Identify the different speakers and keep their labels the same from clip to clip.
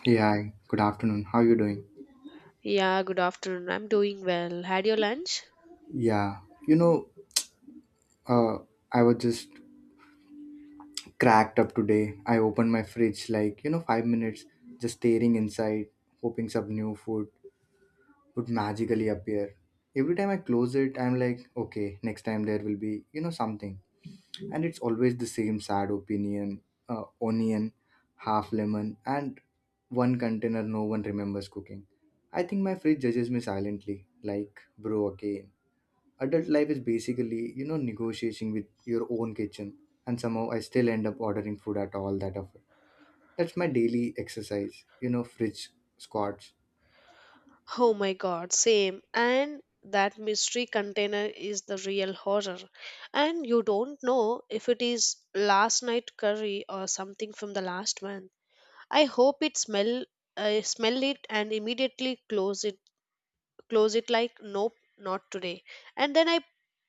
Speaker 1: Hey, hi. Good afternoon. How you doing?
Speaker 2: Yeah, good afternoon. I'm doing well. Had your lunch?
Speaker 1: Yeah. You know, uh, I was just cracked up today. I opened my fridge like, 5 minutes, just staring inside, hoping some new food would magically appear. Every time I close it, I'm like, okay, next time there will be, something. And it's always the same sad onion, half lemon, and one container no one remembers cooking. I think my fridge judges me silently, like, bro, again adult life is basically negotiating with your own kitchen, and somehow I still end up ordering food at all that often. That's my daily exercise, fridge squats.
Speaker 2: Oh my god, same. And that mystery container is the real horror. And you don't know if it is last night curry or something from the last month. I hope it smell I smell it and immediately close it like nope, not today. And then I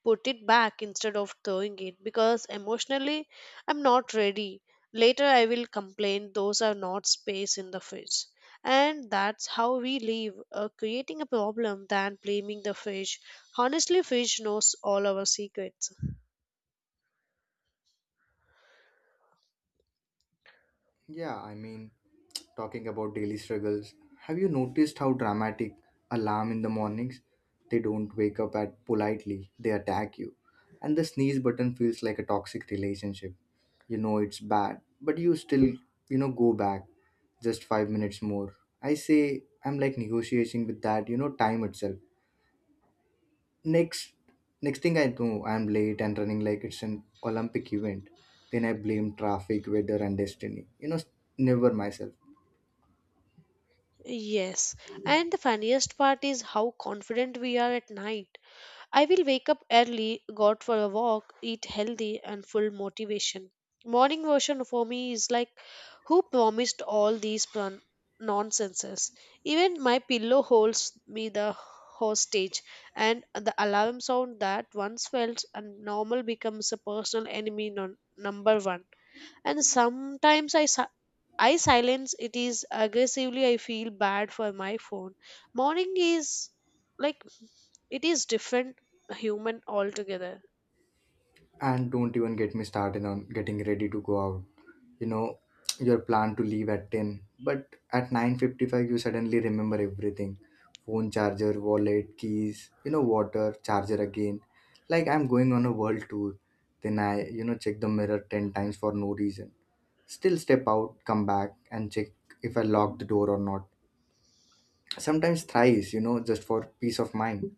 Speaker 2: put it back instead of throwing it because emotionally I'm not ready. Later I will complain those are not space in the fridge. And that's how we live, creating a problem than blaming the fish. Honestly, fish knows all our secrets.
Speaker 1: Yeah, I mean, talking about daily struggles, have you noticed how dramatic alarm in the mornings? They don't wake up at politely, they attack you. And the sneeze button feels like a toxic relationship. You know it's bad, but you still, go back just 5 minutes more. I say I'm like negotiating with that, time itself. Next next thing I know, I'm late and running like it's an Olympic event. Then I blame traffic, weather and destiny. Never myself.
Speaker 2: Yes, and the funniest part is how confident we are at night. I will wake up early, go out for a walk, eat healthy, and full motivation. Morning version for me is like, who promised all these nonsenses? Even my pillow holds me the hostage, and the alarm sound that once felt and normal becomes a personal enemy number one. And sometimes I silence it is aggressively. I feel bad for my phone. Morning is like it is different human altogether.
Speaker 1: And don't even get me started on getting ready to go out. You know, your plan to leave at 10, but at 9:55 you suddenly remember everything. Phone charger, wallet, keys, water, charger again. Like I'm going on a world tour. Then I, check the mirror 10 times for no reason. Still step out, come back and check if I lock the door or not. Sometimes thrice, just for peace of mind.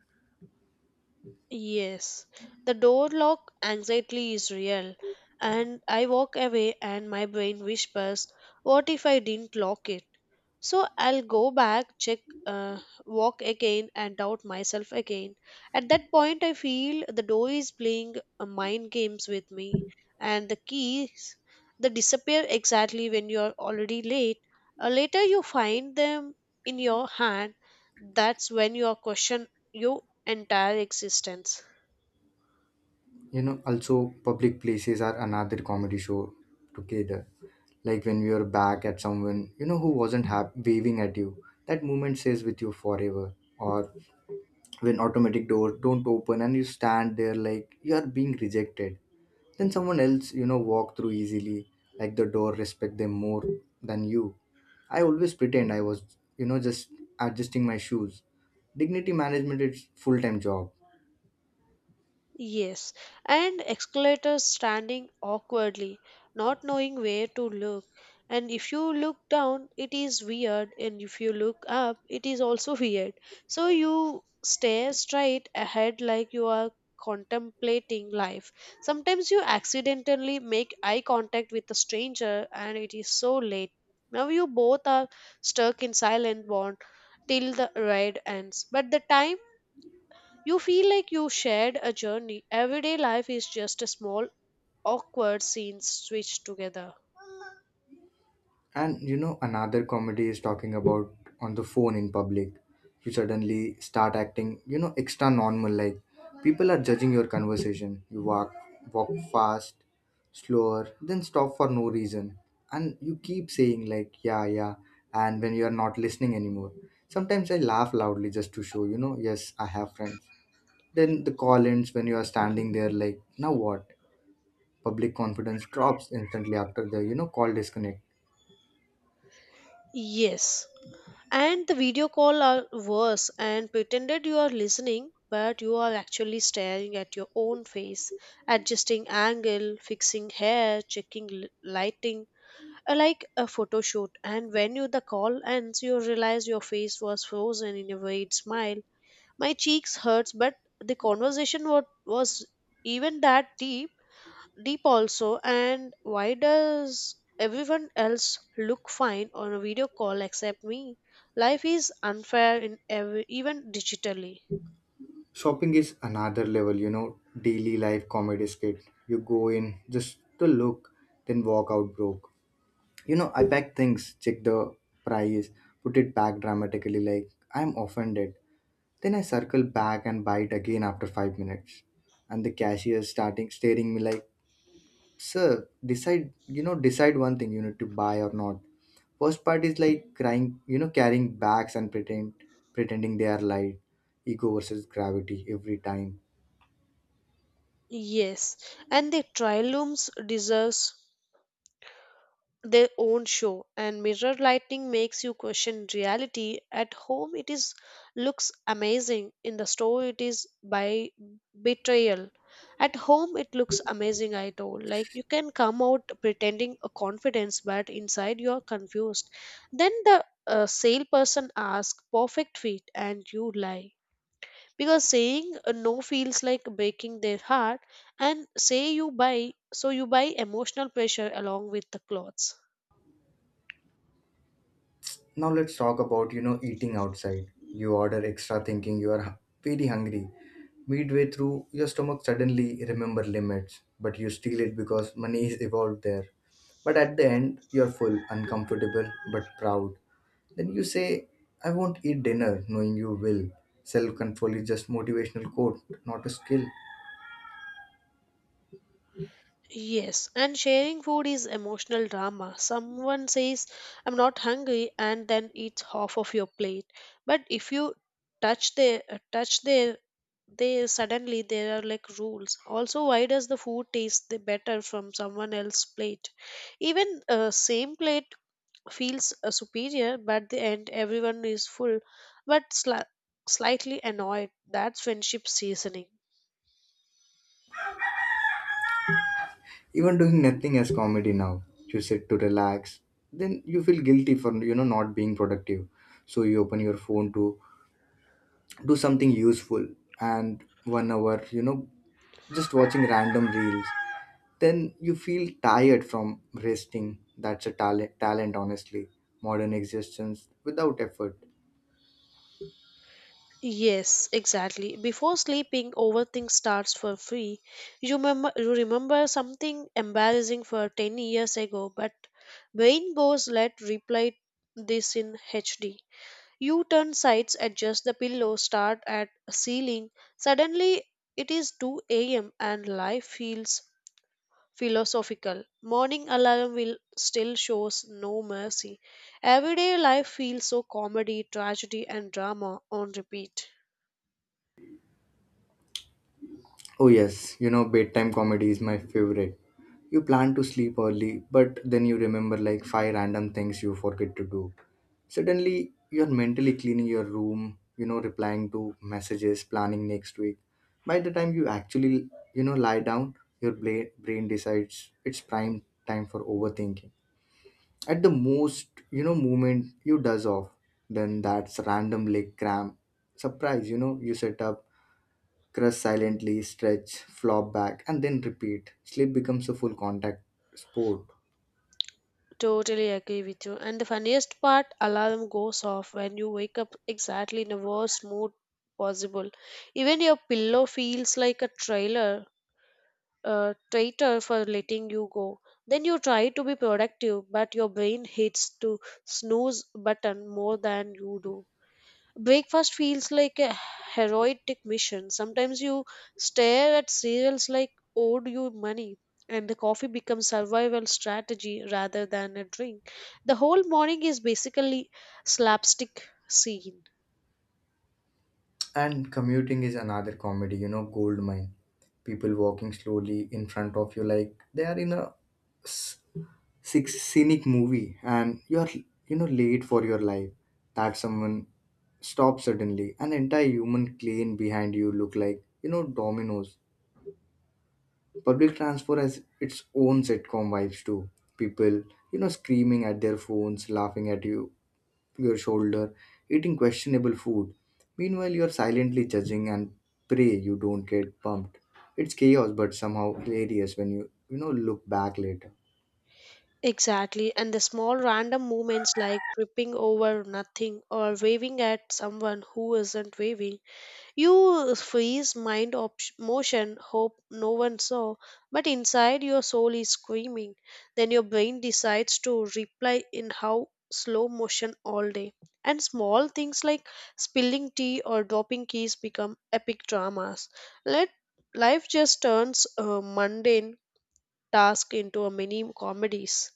Speaker 2: Yes, the door lock anxiety is real, and I walk away and my brain whispers, what if I didn't lock it? So I'll go back, check, uh, walk again, and doubt myself again. At that point, I feel the door is playing mind games with me, and the keys they disappear exactly when you are already late. Later, you find them in your hand. That's when you are question your entire existence.
Speaker 1: You know, also public places are another comedy show together. Like when you're back at someone, who wasn't hap- waving at you, that moment stays with you forever. Or when automatic doors don't open and you stand there like you are being rejected. Then someone else, walk through easily, like the door respect them more than you. I always pretend I was, just adjusting my shoes. Dignity management is full-time job.
Speaker 2: Yes, and escalators standing awkwardly, not knowing where to look. And if you look down, it is weird, and if you look up, it is also weird. So you stare straight ahead like you are contemplating life. Sometimes you accidentally make eye contact with a stranger, and it is so late. Now you both are stuck in silent bond till the ride ends, but the time you feel like you shared a journey. Everyday life is just a small, awkward scenes switched together.
Speaker 1: And you know, another comedy is talking about on the phone in public. You suddenly start acting, extra normal. Like people are judging your conversation. Walk fast, slower, then stop for no reason, and you keep saying like, yeah, yeah. And when you are not listening anymore, sometimes I laugh loudly just to show, yes, I have friends. Then the call ends when you are standing there, like, now what? Public confidence drops instantly after the, call disconnect.
Speaker 2: Yes. And the video call are worse and pretended you are listening, but you are actually staring at your own face, adjusting angle, fixing hair, checking lighting, like a photo shoot. And when you the call ends, you realize your face was frozen in a weird smile. My cheeks hurts, but the conversation was even that deep also. And why does everyone else look fine on a video call except me? Life is unfair in every even digitally.
Speaker 1: Shopping is another level, daily life comedy skit. You go in just to look, then walk out broke. You know, I pack things, check the price, put it back dramatically like I'm offended. Then I circle back and buy it again after 5 minutes. And the cashier starting staring me like, sir, decide, decide one thing you need to buy or not. First part is like crying, carrying bags and pretending they are light. Ego versus gravity every time.
Speaker 2: Yes, and the trial looms deserves their own show, and mirror lighting makes you question reality. At home it is looks amazing, in the store it is by betrayal. At home it looks amazing, I told like you can come out pretending a confidence, but inside you are confused. Then the salesperson asks perfect fit and you lie because saying a no feels like breaking their heart. And say you buy, so you buy emotional pressure along with the clothes.
Speaker 1: Now let's talk about, eating outside. You order extra thinking you are hu- very hungry. Midway through, your stomach suddenly remember limits, but you steal it because money is evolved there. But at the end, you're full, uncomfortable, but proud. Then you say, I won't eat dinner, knowing you will. Self control is just motivational quote, not a skill.
Speaker 2: Yes, and sharing food is emotional drama. Someone says, I'm not hungry, and then eats half of your plate. But if you touch their, they suddenly there are like rules. Also, why does the food taste the better from someone else's plate? Even same plate feels superior, but the end everyone is full, but slightly annoyed. That's friendship seasoning.
Speaker 1: Even doing nothing as comedy now. You sit to relax. Then you feel guilty for not being productive. So you open your phone to do something useful, and 1 hour just watching random reels. Then you feel tired from resting. That's a talent, honestly, modern existence without effort.
Speaker 2: Yes, exactly. Before sleeping, overthink starts for free. You remember something embarrassing for 10 years ago, but brain goes, let replay this in HD. You turn sides, adjust the pillow, start at ceiling. Suddenly, it is 2 a.m. and life feels philosophical. Morning alarm will still shows no mercy. Everyday life feels so comedy, tragedy, and drama on repeat.
Speaker 1: Oh, yes, bedtime comedy is my favorite. You plan to sleep early, but then you remember like five random things you forget to do. Suddenly, you're mentally cleaning your room, replying to messages, planning next week. By the time you actually, lie down, your brain decides it's prime time for overthinking. At the most, moment you does off, then that's random leg cramp. Surprise, you set up. Crush silently, stretch, flop back, and then repeat. Sleep becomes a full contact sport.
Speaker 2: Totally agree with you. And the funniest part, alarm goes off when you wake up exactly in the worst mood possible. Even your pillow feels like a trailer, a traitor for letting you go. Then you try to be productive, but your brain hits to snooze button more than you do. Breakfast feels like a heroic mission. Sometimes you stare at cereals like owed you money, and the coffee becomes survival strategy rather than a drink. The whole morning is basically slapstick scene.
Speaker 1: And commuting is another comedy, gold mine. People walking slowly in front of you like they are in a s- six scenic movie and you're late for your life. That someone stops suddenly, an entire human plane behind you look like dominoes. Public transport has its own sitcom vibes too. People, screaming at their phones, laughing at you, your shoulder, eating questionable food. Meanwhile, you're silently judging and pray you don't get bumped. It's chaos, but somehow hilarious when you, look back later.
Speaker 2: Exactly, and the small random moments like tripping over nothing or waving at someone who isn't waving. You freeze motion, hope no one saw, but inside your soul is screaming. Then your brain decides to reply in how slow motion all day. And small things like spilling tea or dropping keys become epic dramas. Let life just turns a mundane task into a mini comedies.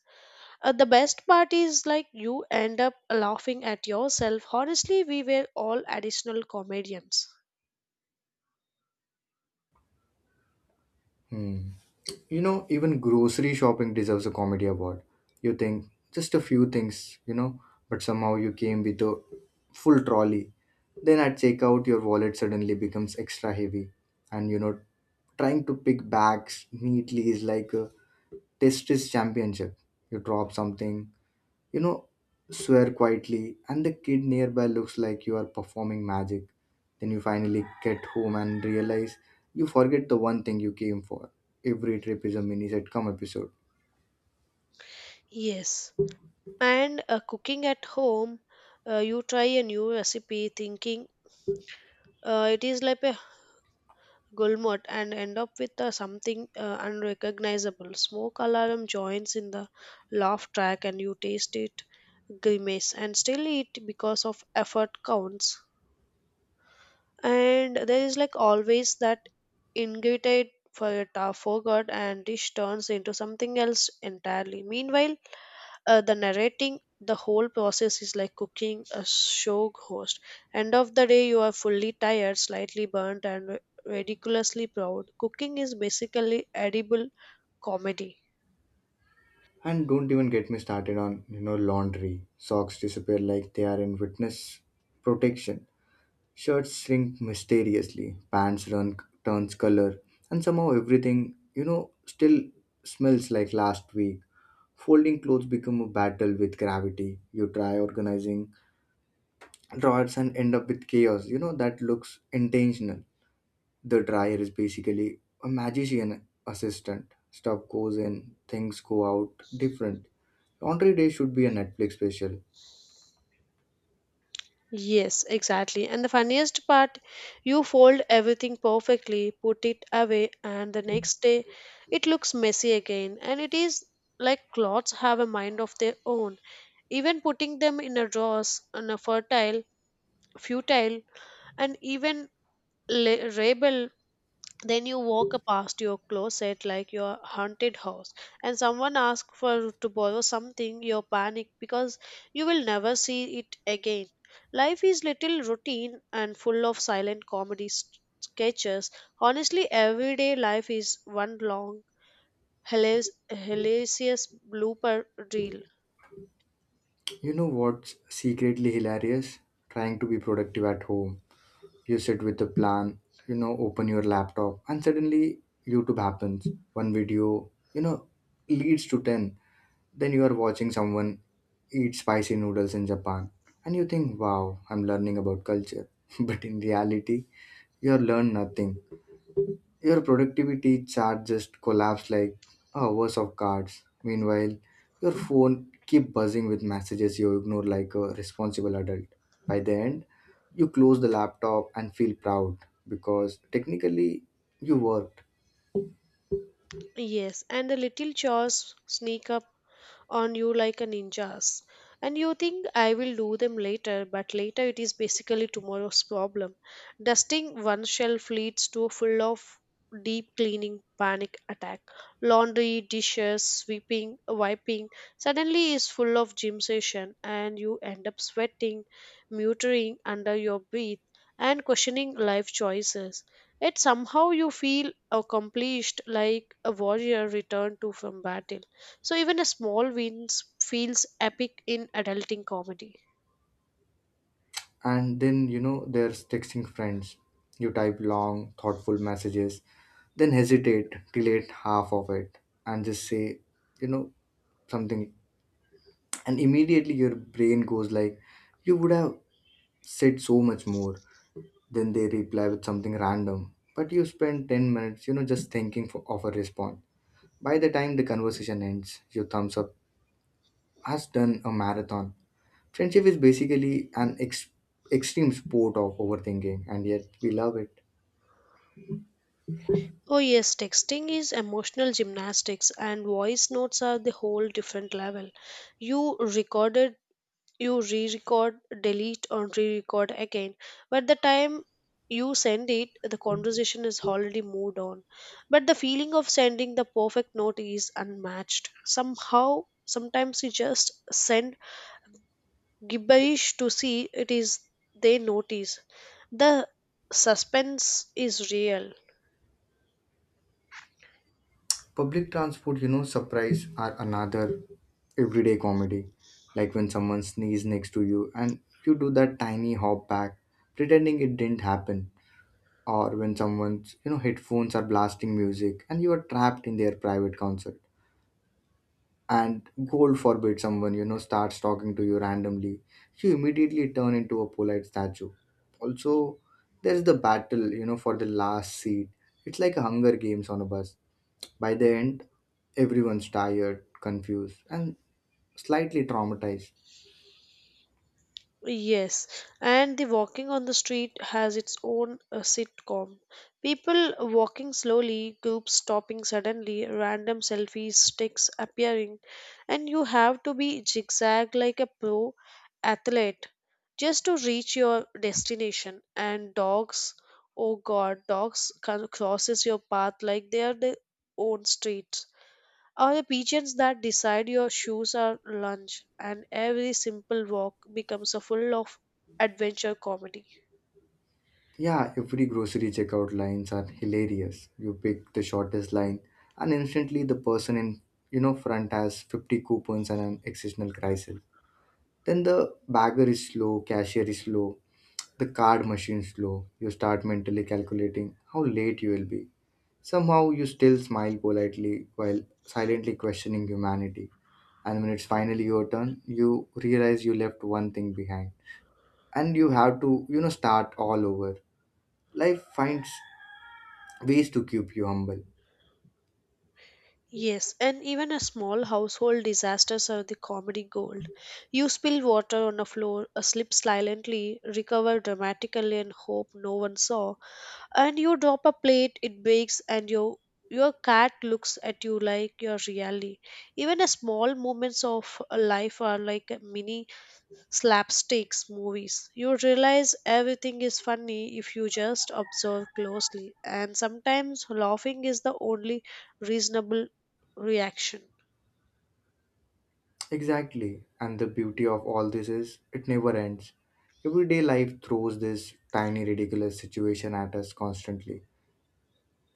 Speaker 2: The best part is like you end up laughing at yourself. Honestly, we were all additional comedians.
Speaker 1: Hmm. You know, even grocery shopping deserves a comedy award. You think just a few things, but somehow you came with a full trolley. Then at checkout, your wallet suddenly becomes extra heavy. And, trying to pick bags neatly is like a test is championship. You drop something, you know, swear quietly, and the kid nearby looks like you are performing magic. Then you finally get home and realize you forget the one thing you came for. Every trip is a mini sitcom episode.
Speaker 2: Yes. And cooking at home, you try a new recipe thinking it is like a gulmot and end up with something unrecognizable. Smoke alarm joins in the laugh track and you taste it, grimace and still eat because of effort counts. And there is like always that ingredient for a forgot, and dish turns into something else entirely. Meanwhile, the narrating the whole process is like cooking a show host. End of the day you are fully tired, slightly burnt and ridiculously proud. Cooking is basically edible comedy.
Speaker 1: And don't even get me started on, laundry. Socks disappear like they are in witness protection. Shirts shrink mysteriously. Pants run turns color. And somehow everything, still smells like last week. Folding clothes become a battle with gravity. You try organizing drawers and end up with chaos. That looks intentional. The dryer is basically a magician assistant. Stuff goes in, things go out different. Laundry Day should be a Netflix special.
Speaker 2: Yes, exactly, and the funniest part, you fold everything perfectly, put it away, and the next day it looks messy again. And it is like clothes have a mind of their own. Even putting them in a drawers on a fertile futile, and even rebel. Then you walk past your closet like your haunted house, and someone asks for to borrow something you panic because you will never see it again. Life is little routine and full of silent comedy sketches. Honestly, everyday life is one long hilas- hilarious blooper reel.
Speaker 1: You know what's secretly hilarious? Trying to be productive at home. You sit with a plan, open your laptop, and suddenly YouTube happens. One video, leads to 10. Then you are watching someone eat spicy noodles in Japan and you think, wow, I'm learning about culture. But in reality, you have learned nothing. Your productivity chart just collapsed like a hours of cards. Meanwhile, your phone keep buzzing with messages you ignore like a responsible adult. By the end, you close the laptop and feel proud because technically you worked.
Speaker 2: Yes, and the little chores sneak up on you like a ninjas. And you think I will do them later, but later it is basically tomorrow's problem. Dusting one shelf leads to a full of deep cleaning panic attack. Laundry, dishes, sweeping, wiping suddenly is full of gym session and you end up sweating, muttering under your breath and questioning life choices. Yet somehow you feel accomplished like a warrior returned to from battle. So even a small wins feels epic in adulting comedy.
Speaker 1: And then there's texting friends. You type long thoughtful messages, then hesitate, delete half of it, and just say, you know something. And immediately your brain goes like, you would have said so much more. Then they reply with something random, but you spend 10 minutes just thinking for, of a response. By the time the conversation ends, your thumbs up has done a marathon. Friendship is basically an extreme sport of overthinking, and yet we love it.
Speaker 2: Oh yes, texting is emotional gymnastics and voice notes are the whole different level. You recorded, you re-record, delete or re-record again. But the time you send it, the conversation is already moved on. But the feeling of sending the perfect note is unmatched. Somehow, sometimes you just send gibberish to see it is they notice the suspense is real.
Speaker 1: Public transport, surprise are another everyday comedy. Like when someone sneezes next to you and you do that tiny hop back, pretending it didn't happen. Or when someone's, headphones are blasting music and you are trapped in their private concert. And God forbid someone, starts talking to you randomly. You immediately turn into a polite statue. Also, there's the battle, for the last seat. It's like a Hunger Games on a bus. By the end, everyone's tired, confused, and slightly traumatized.
Speaker 2: Yes, and the walking on the street has its own sitcom. People walking slowly, groups stopping suddenly, random selfie sticks appearing, and you have to be zigzag like a pro athlete just to reach your destination. And dogs, oh god, dogs can crosses your path like they are their own streets, or the pigeons that decide your shoes are lunch, and every simple walk becomes a full of adventure comedy.
Speaker 1: Yeah, every grocery checkout lines are hilarious. You pick the shortest line, and instantly the person in front has 50 coupons and an existential crisis. Then the bagger is slow, cashier is slow, the card machine is slow. You start mentally calculating how late you will be. Somehow you still smile politely while silently questioning humanity. And when it's finally your turn, you realize you left one thing behind, and you have to start all over. Life finds ways to keep you humble.
Speaker 2: Yes, and even a small household disasters are the comedy gold. You spill water on a floor, a slip silently, recover dramatically and hope no one saw. And you drop a plate, it breaks and your cat looks at you like you're reality. Even a small moments of life are like a mini slapsticks movies. You realize everything is funny if you just observe closely, and sometimes laughing is the only reasonable reaction.
Speaker 1: Exactly, and the beauty of all this is it never ends. Everyday life throws this tiny ridiculous situation at us constantly,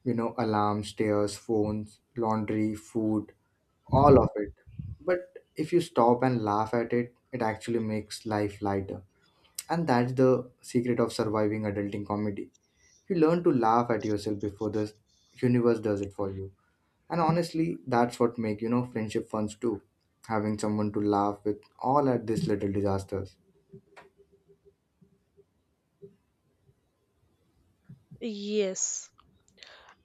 Speaker 1: alarms, stairs, phones, laundry, food, all of it. But if you stop and laugh at it, it actually makes life lighter. And that's the secret of surviving adulting comedy. You learn to laugh at yourself before the universe does it for you. And honestly, that's what make friendship funds too. Having someone to laugh with all at these little disasters.
Speaker 2: Yes.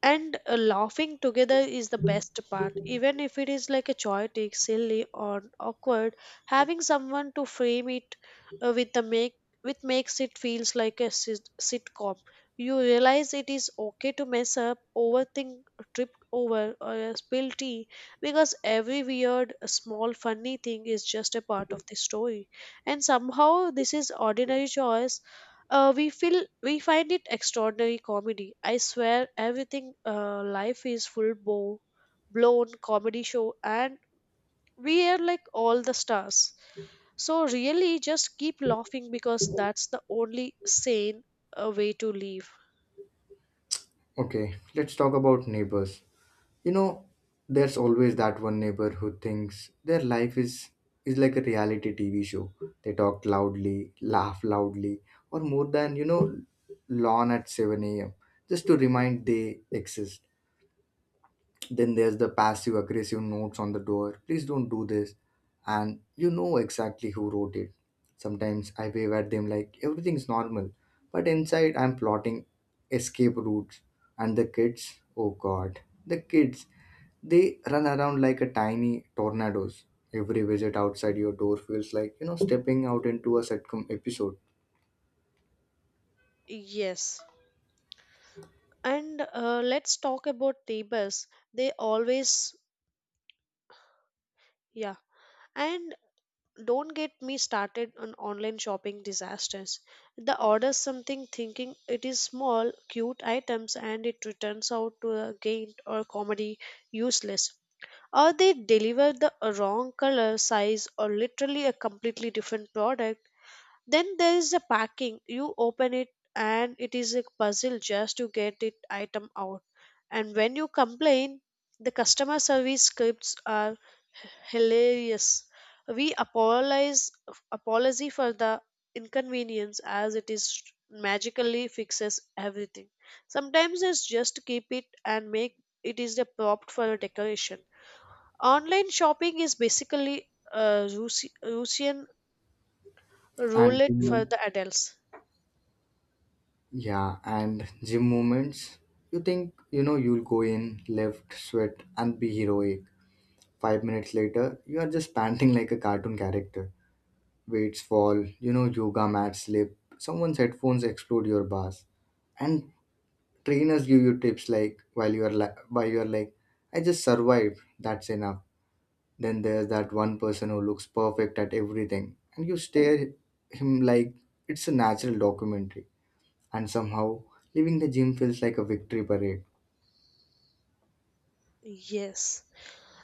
Speaker 2: And laughing together is the best part, even if it is like a chaotic silly or awkward. Having someone to frame it, uh, with the make with makes it feels like a sitcom. You realize it is okay to mess up, overthink, trip over or spill tea because every weird small funny thing is just a part of the story. And somehow this is ordinary joys, we find it extraordinary comedy. I swear, everything, life is full bow blown comedy show, and we are like all the stars. So really, just keep laughing because that's the only sane way to live.
Speaker 1: Okay, let's talk about neighbors. You know, there's always that one neighbor who thinks their life is like a reality TV show. They talk loudly, laugh loudly, or more than lawn at 7 a.m. just to remind they exist. Then there's the passive aggressive notes on the door. Please don't do this. And you know exactly who wrote it. Sometimes I wave at them like everything's normal. But inside, I'm plotting escape routes. And the kids, oh god, the kids, they run around like a tiny tornadoes. Every visit outside your door feels like, you know, stepping out into a sitcom episode.
Speaker 2: Yes, and let's talk about neighbors. They always, yeah. And don't get me started on online shopping disasters. The order something thinking it is small, cute items and it returns out to a gain or comedy useless. Or they deliver the wrong color, size, or literally a completely different product. Then there is a packing. You open it and it is a puzzle just to get it item out. And when you complain, the customer service scripts are hilarious. We apologize Apology for the inconvenience as it is magically fixes everything. Sometimes it's just keep it and make it is the prop for a decoration. Online shopping is basically a Russian
Speaker 1: And you
Speaker 2: roulette for
Speaker 1: know,
Speaker 2: the adults.
Speaker 1: yeah, and gym moments. You think, you know, you'll go in, lift, sweat, and be heroic. 5 minutes later, you are just panting like a cartoon character. Weights fall, you know, yoga mats slip, someone's headphones explode your bars. And trainers give you tips like, while you are, like, I just survived, that's enough. Then there's that one person who looks perfect at everything, and you stare him like it's a natural documentary, and somehow leaving the gym feels like a victory parade.
Speaker 2: Yes.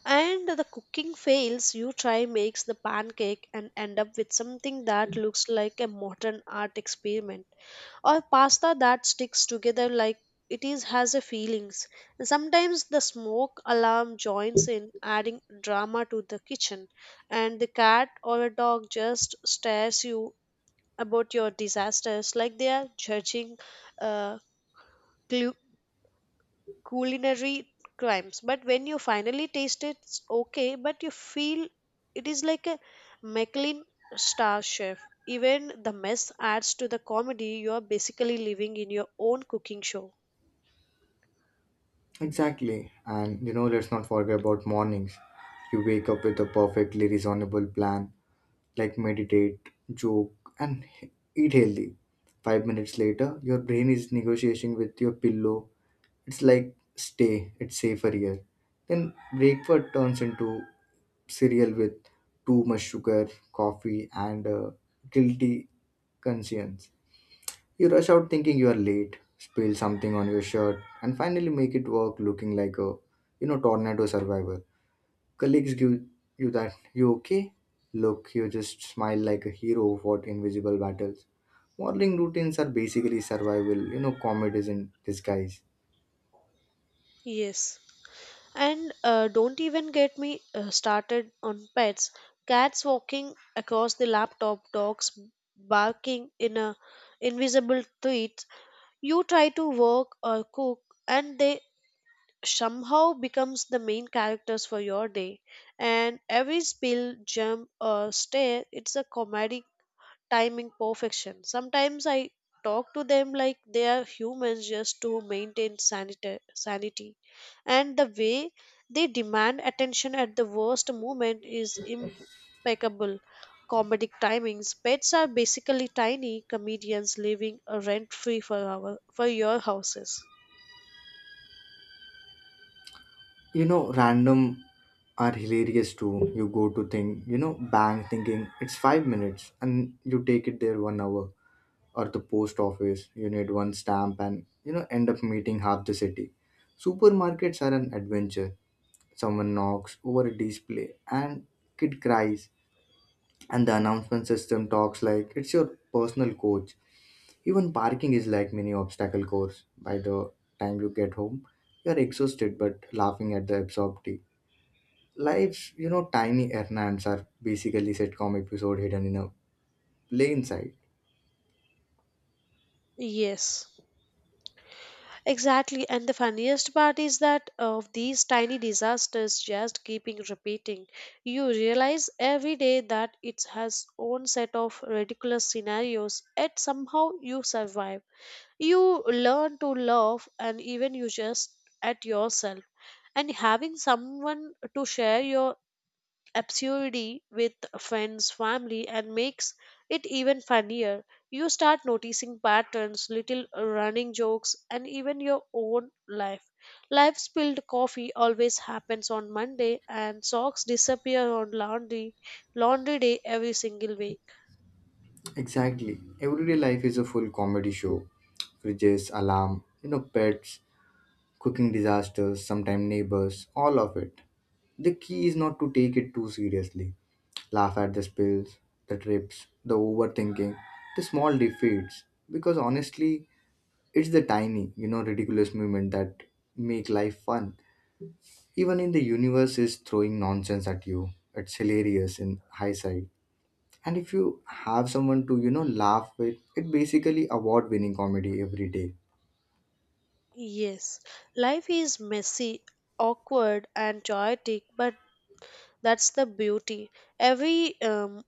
Speaker 2: And the cooking fails, you try makes the pancake and end up with something that looks like a modern art experiment or pasta that sticks together like it is has a feelings. And sometimes the smoke alarm joins in adding drama to the kitchen and the cat or a dog just stares you about your disasters like they are judging uh, culinary crimes, but when you finally taste it, it's okay but you feel it is like a Michelin star chef. Even the mess adds to the comedy. You are basically living in your own cooking show.
Speaker 1: Exactly. And you know, let's not forget about mornings. You wake up with a perfectly reasonable plan, like meditate, joke, and eat healthy. 5 minutes later, your brain is negotiating with your pillow. It's like, stay, it's safer here. Then breakfast turns into cereal with too much sugar, coffee, and guilty conscience. You rush out thinking you are late, spill something on your shirt, and finally make it work looking like a, you know, tornado survivor. Colleagues give you that, you okay? Look, you just smile like a hero fought invisible battles. Morning routines are basically survival, you know, comedies in disguise.
Speaker 2: Yes, and don't even get me started on pets. Cats walking across the laptop, dogs barking in a invisible tweet. You try to work or cook and they somehow becomes the main characters for your day, and every spill, jump or stare it's a comedic timing perfection. Sometimes I talk to them like they are humans just to maintain sanity, and the way they demand attention at the worst moment is impeccable comedic timings. Pets are basically tiny comedians living rent free for our for your houses.
Speaker 1: You know, random are hilarious too. You go to think, you know, bang thinking it's 5 minutes and you take it there 1 hour. Or the post office, you need one stamp and you know end up meeting half the city. Supermarkets are an adventure, someone knocks over a display, and kid cries, and the announcement system talks like it's your personal coach. Even parking is like mini obstacle course. By the time you get home, you're exhausted but laughing at the absurdity. Life's, you know, tiny errands are basically sitcom episode hidden in a plain sight.
Speaker 2: Yes. Exactly, and the funniest part is that of these tiny disasters just keeping repeating. You realize every day that it has own set of ridiculous scenarios, yet somehow you survive. You learn to laugh and even you just at yourself. And having someone to share your absurdity with, friends, family, and makes it even funnier. You start noticing patterns, little running jokes, and even your own life. Life spilled coffee always happens on Monday, and socks disappear on laundry day every single week.
Speaker 1: Exactly. Everyday life is a full comedy show. Fridges, alarm, you know, pets, cooking disasters, sometimes neighbors, all of it. The key is not to take it too seriously. Laugh at the spills, the trips, the overthinking, the small defeats. Because honestly, it's the tiny, you know, ridiculous moment that make life fun. Even in the universe is throwing nonsense at you. It's hilarious in hindsight, and if you have someone to, you know, laugh with, it basically award winning comedy every day.
Speaker 2: Yes, life is messy, awkward, and chaotic, but that's the beauty. Every um,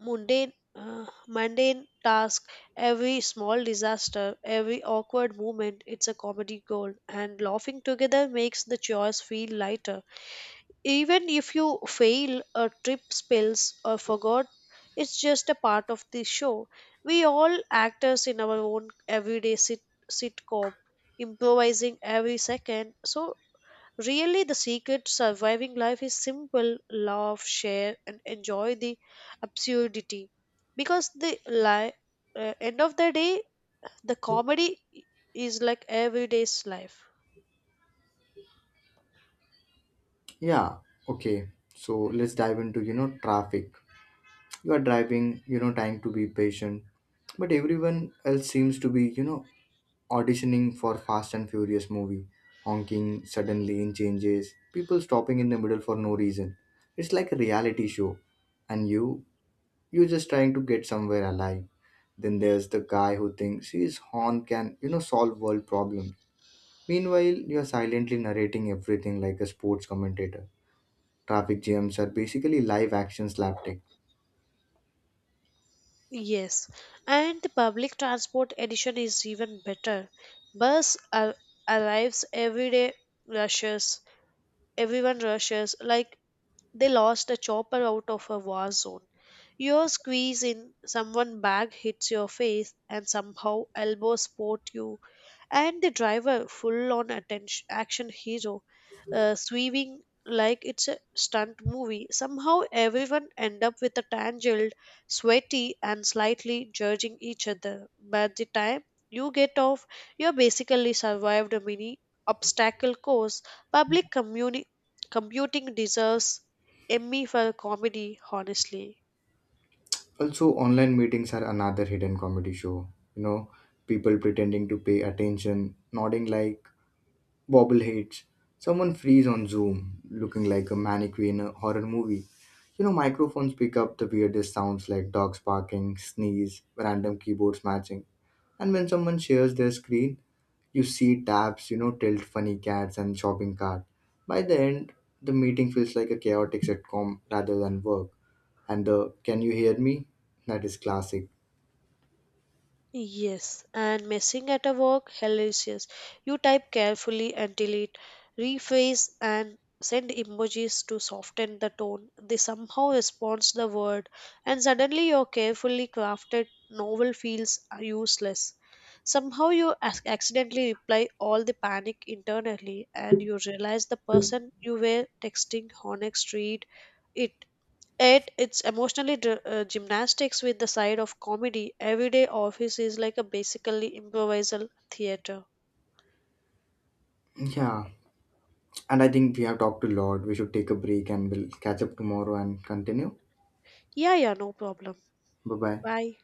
Speaker 2: mundane uh, mundane task, every small disaster, every awkward moment, it's a comedy gold, and laughing together makes the chores feel lighter. Even if you fail or trip, spills or forgot, it's just a part of the show. We all actors in our own everyday sitcom, improvising every second. So really, the secret to surviving life is simple: laugh, share, and enjoy the absurdity. Because the end of the day, the comedy is like everyday's life.
Speaker 1: Yeah. Okay, so let's dive into, you know, traffic. You are driving, you know, trying to be patient, but everyone else seems to be, you know, auditioning for Fast and Furious movie. Honking, sudden lane changes, people stopping in the middle for no reason. It's like a reality show, and you, you're just trying to get somewhere alive. Then there's the guy who thinks his horn can, you know, solve world problems. Meanwhile, you're silently narrating everything like a sports commentator. Traffic jams are basically live action slapstick.
Speaker 2: Yes, and the public transport edition is even better. Bus ar- arrives every day, rushes, everyone rushes. Like they lost a chopper out of a war zone. Your squeeze in someone's bag hits your face, and somehow elbows spot you, and the driver full on attention action hero, swerving like it's a stunt movie. Somehow everyone end up with a tangled, sweaty and slightly judging each other. By the time you get off, you have basically survived a mini obstacle course. public communi- Computing deserves Emmy for comedy, honestly.
Speaker 1: Also, online meetings are another hidden comedy show. You know, people pretending to pay attention, nodding like bobbleheads. Someone freeze on Zoom, looking like a mannequin in a horror movie. You know, microphones pick up the weirdest sounds like dogs barking, sneeze, random keyboard smashing. And when someone shares their screen, you see tabs, you know, tilt, funny cats, and shopping cart. By the end, the meeting feels like a chaotic sitcom rather than work. And the "can you hear me?" That is classic.
Speaker 2: Yes, and messing at a work, hilarious. You type carefully until it rephrase and send emojis to soften the tone. They somehow responds the word, and suddenly your carefully crafted novel feels useless. Somehow you accidentally reply all, the panic internally, and you realize the person you were texting honest read it. It's emotionally gymnastics with the side of comedy. Everyday office is like a basically improvisal theater.
Speaker 1: Yeah, and I think we have talked a lot. We should take a break and we'll catch up tomorrow and continue.
Speaker 2: Yeah, yeah, no problem.
Speaker 1: Bye bye.
Speaker 2: Bye.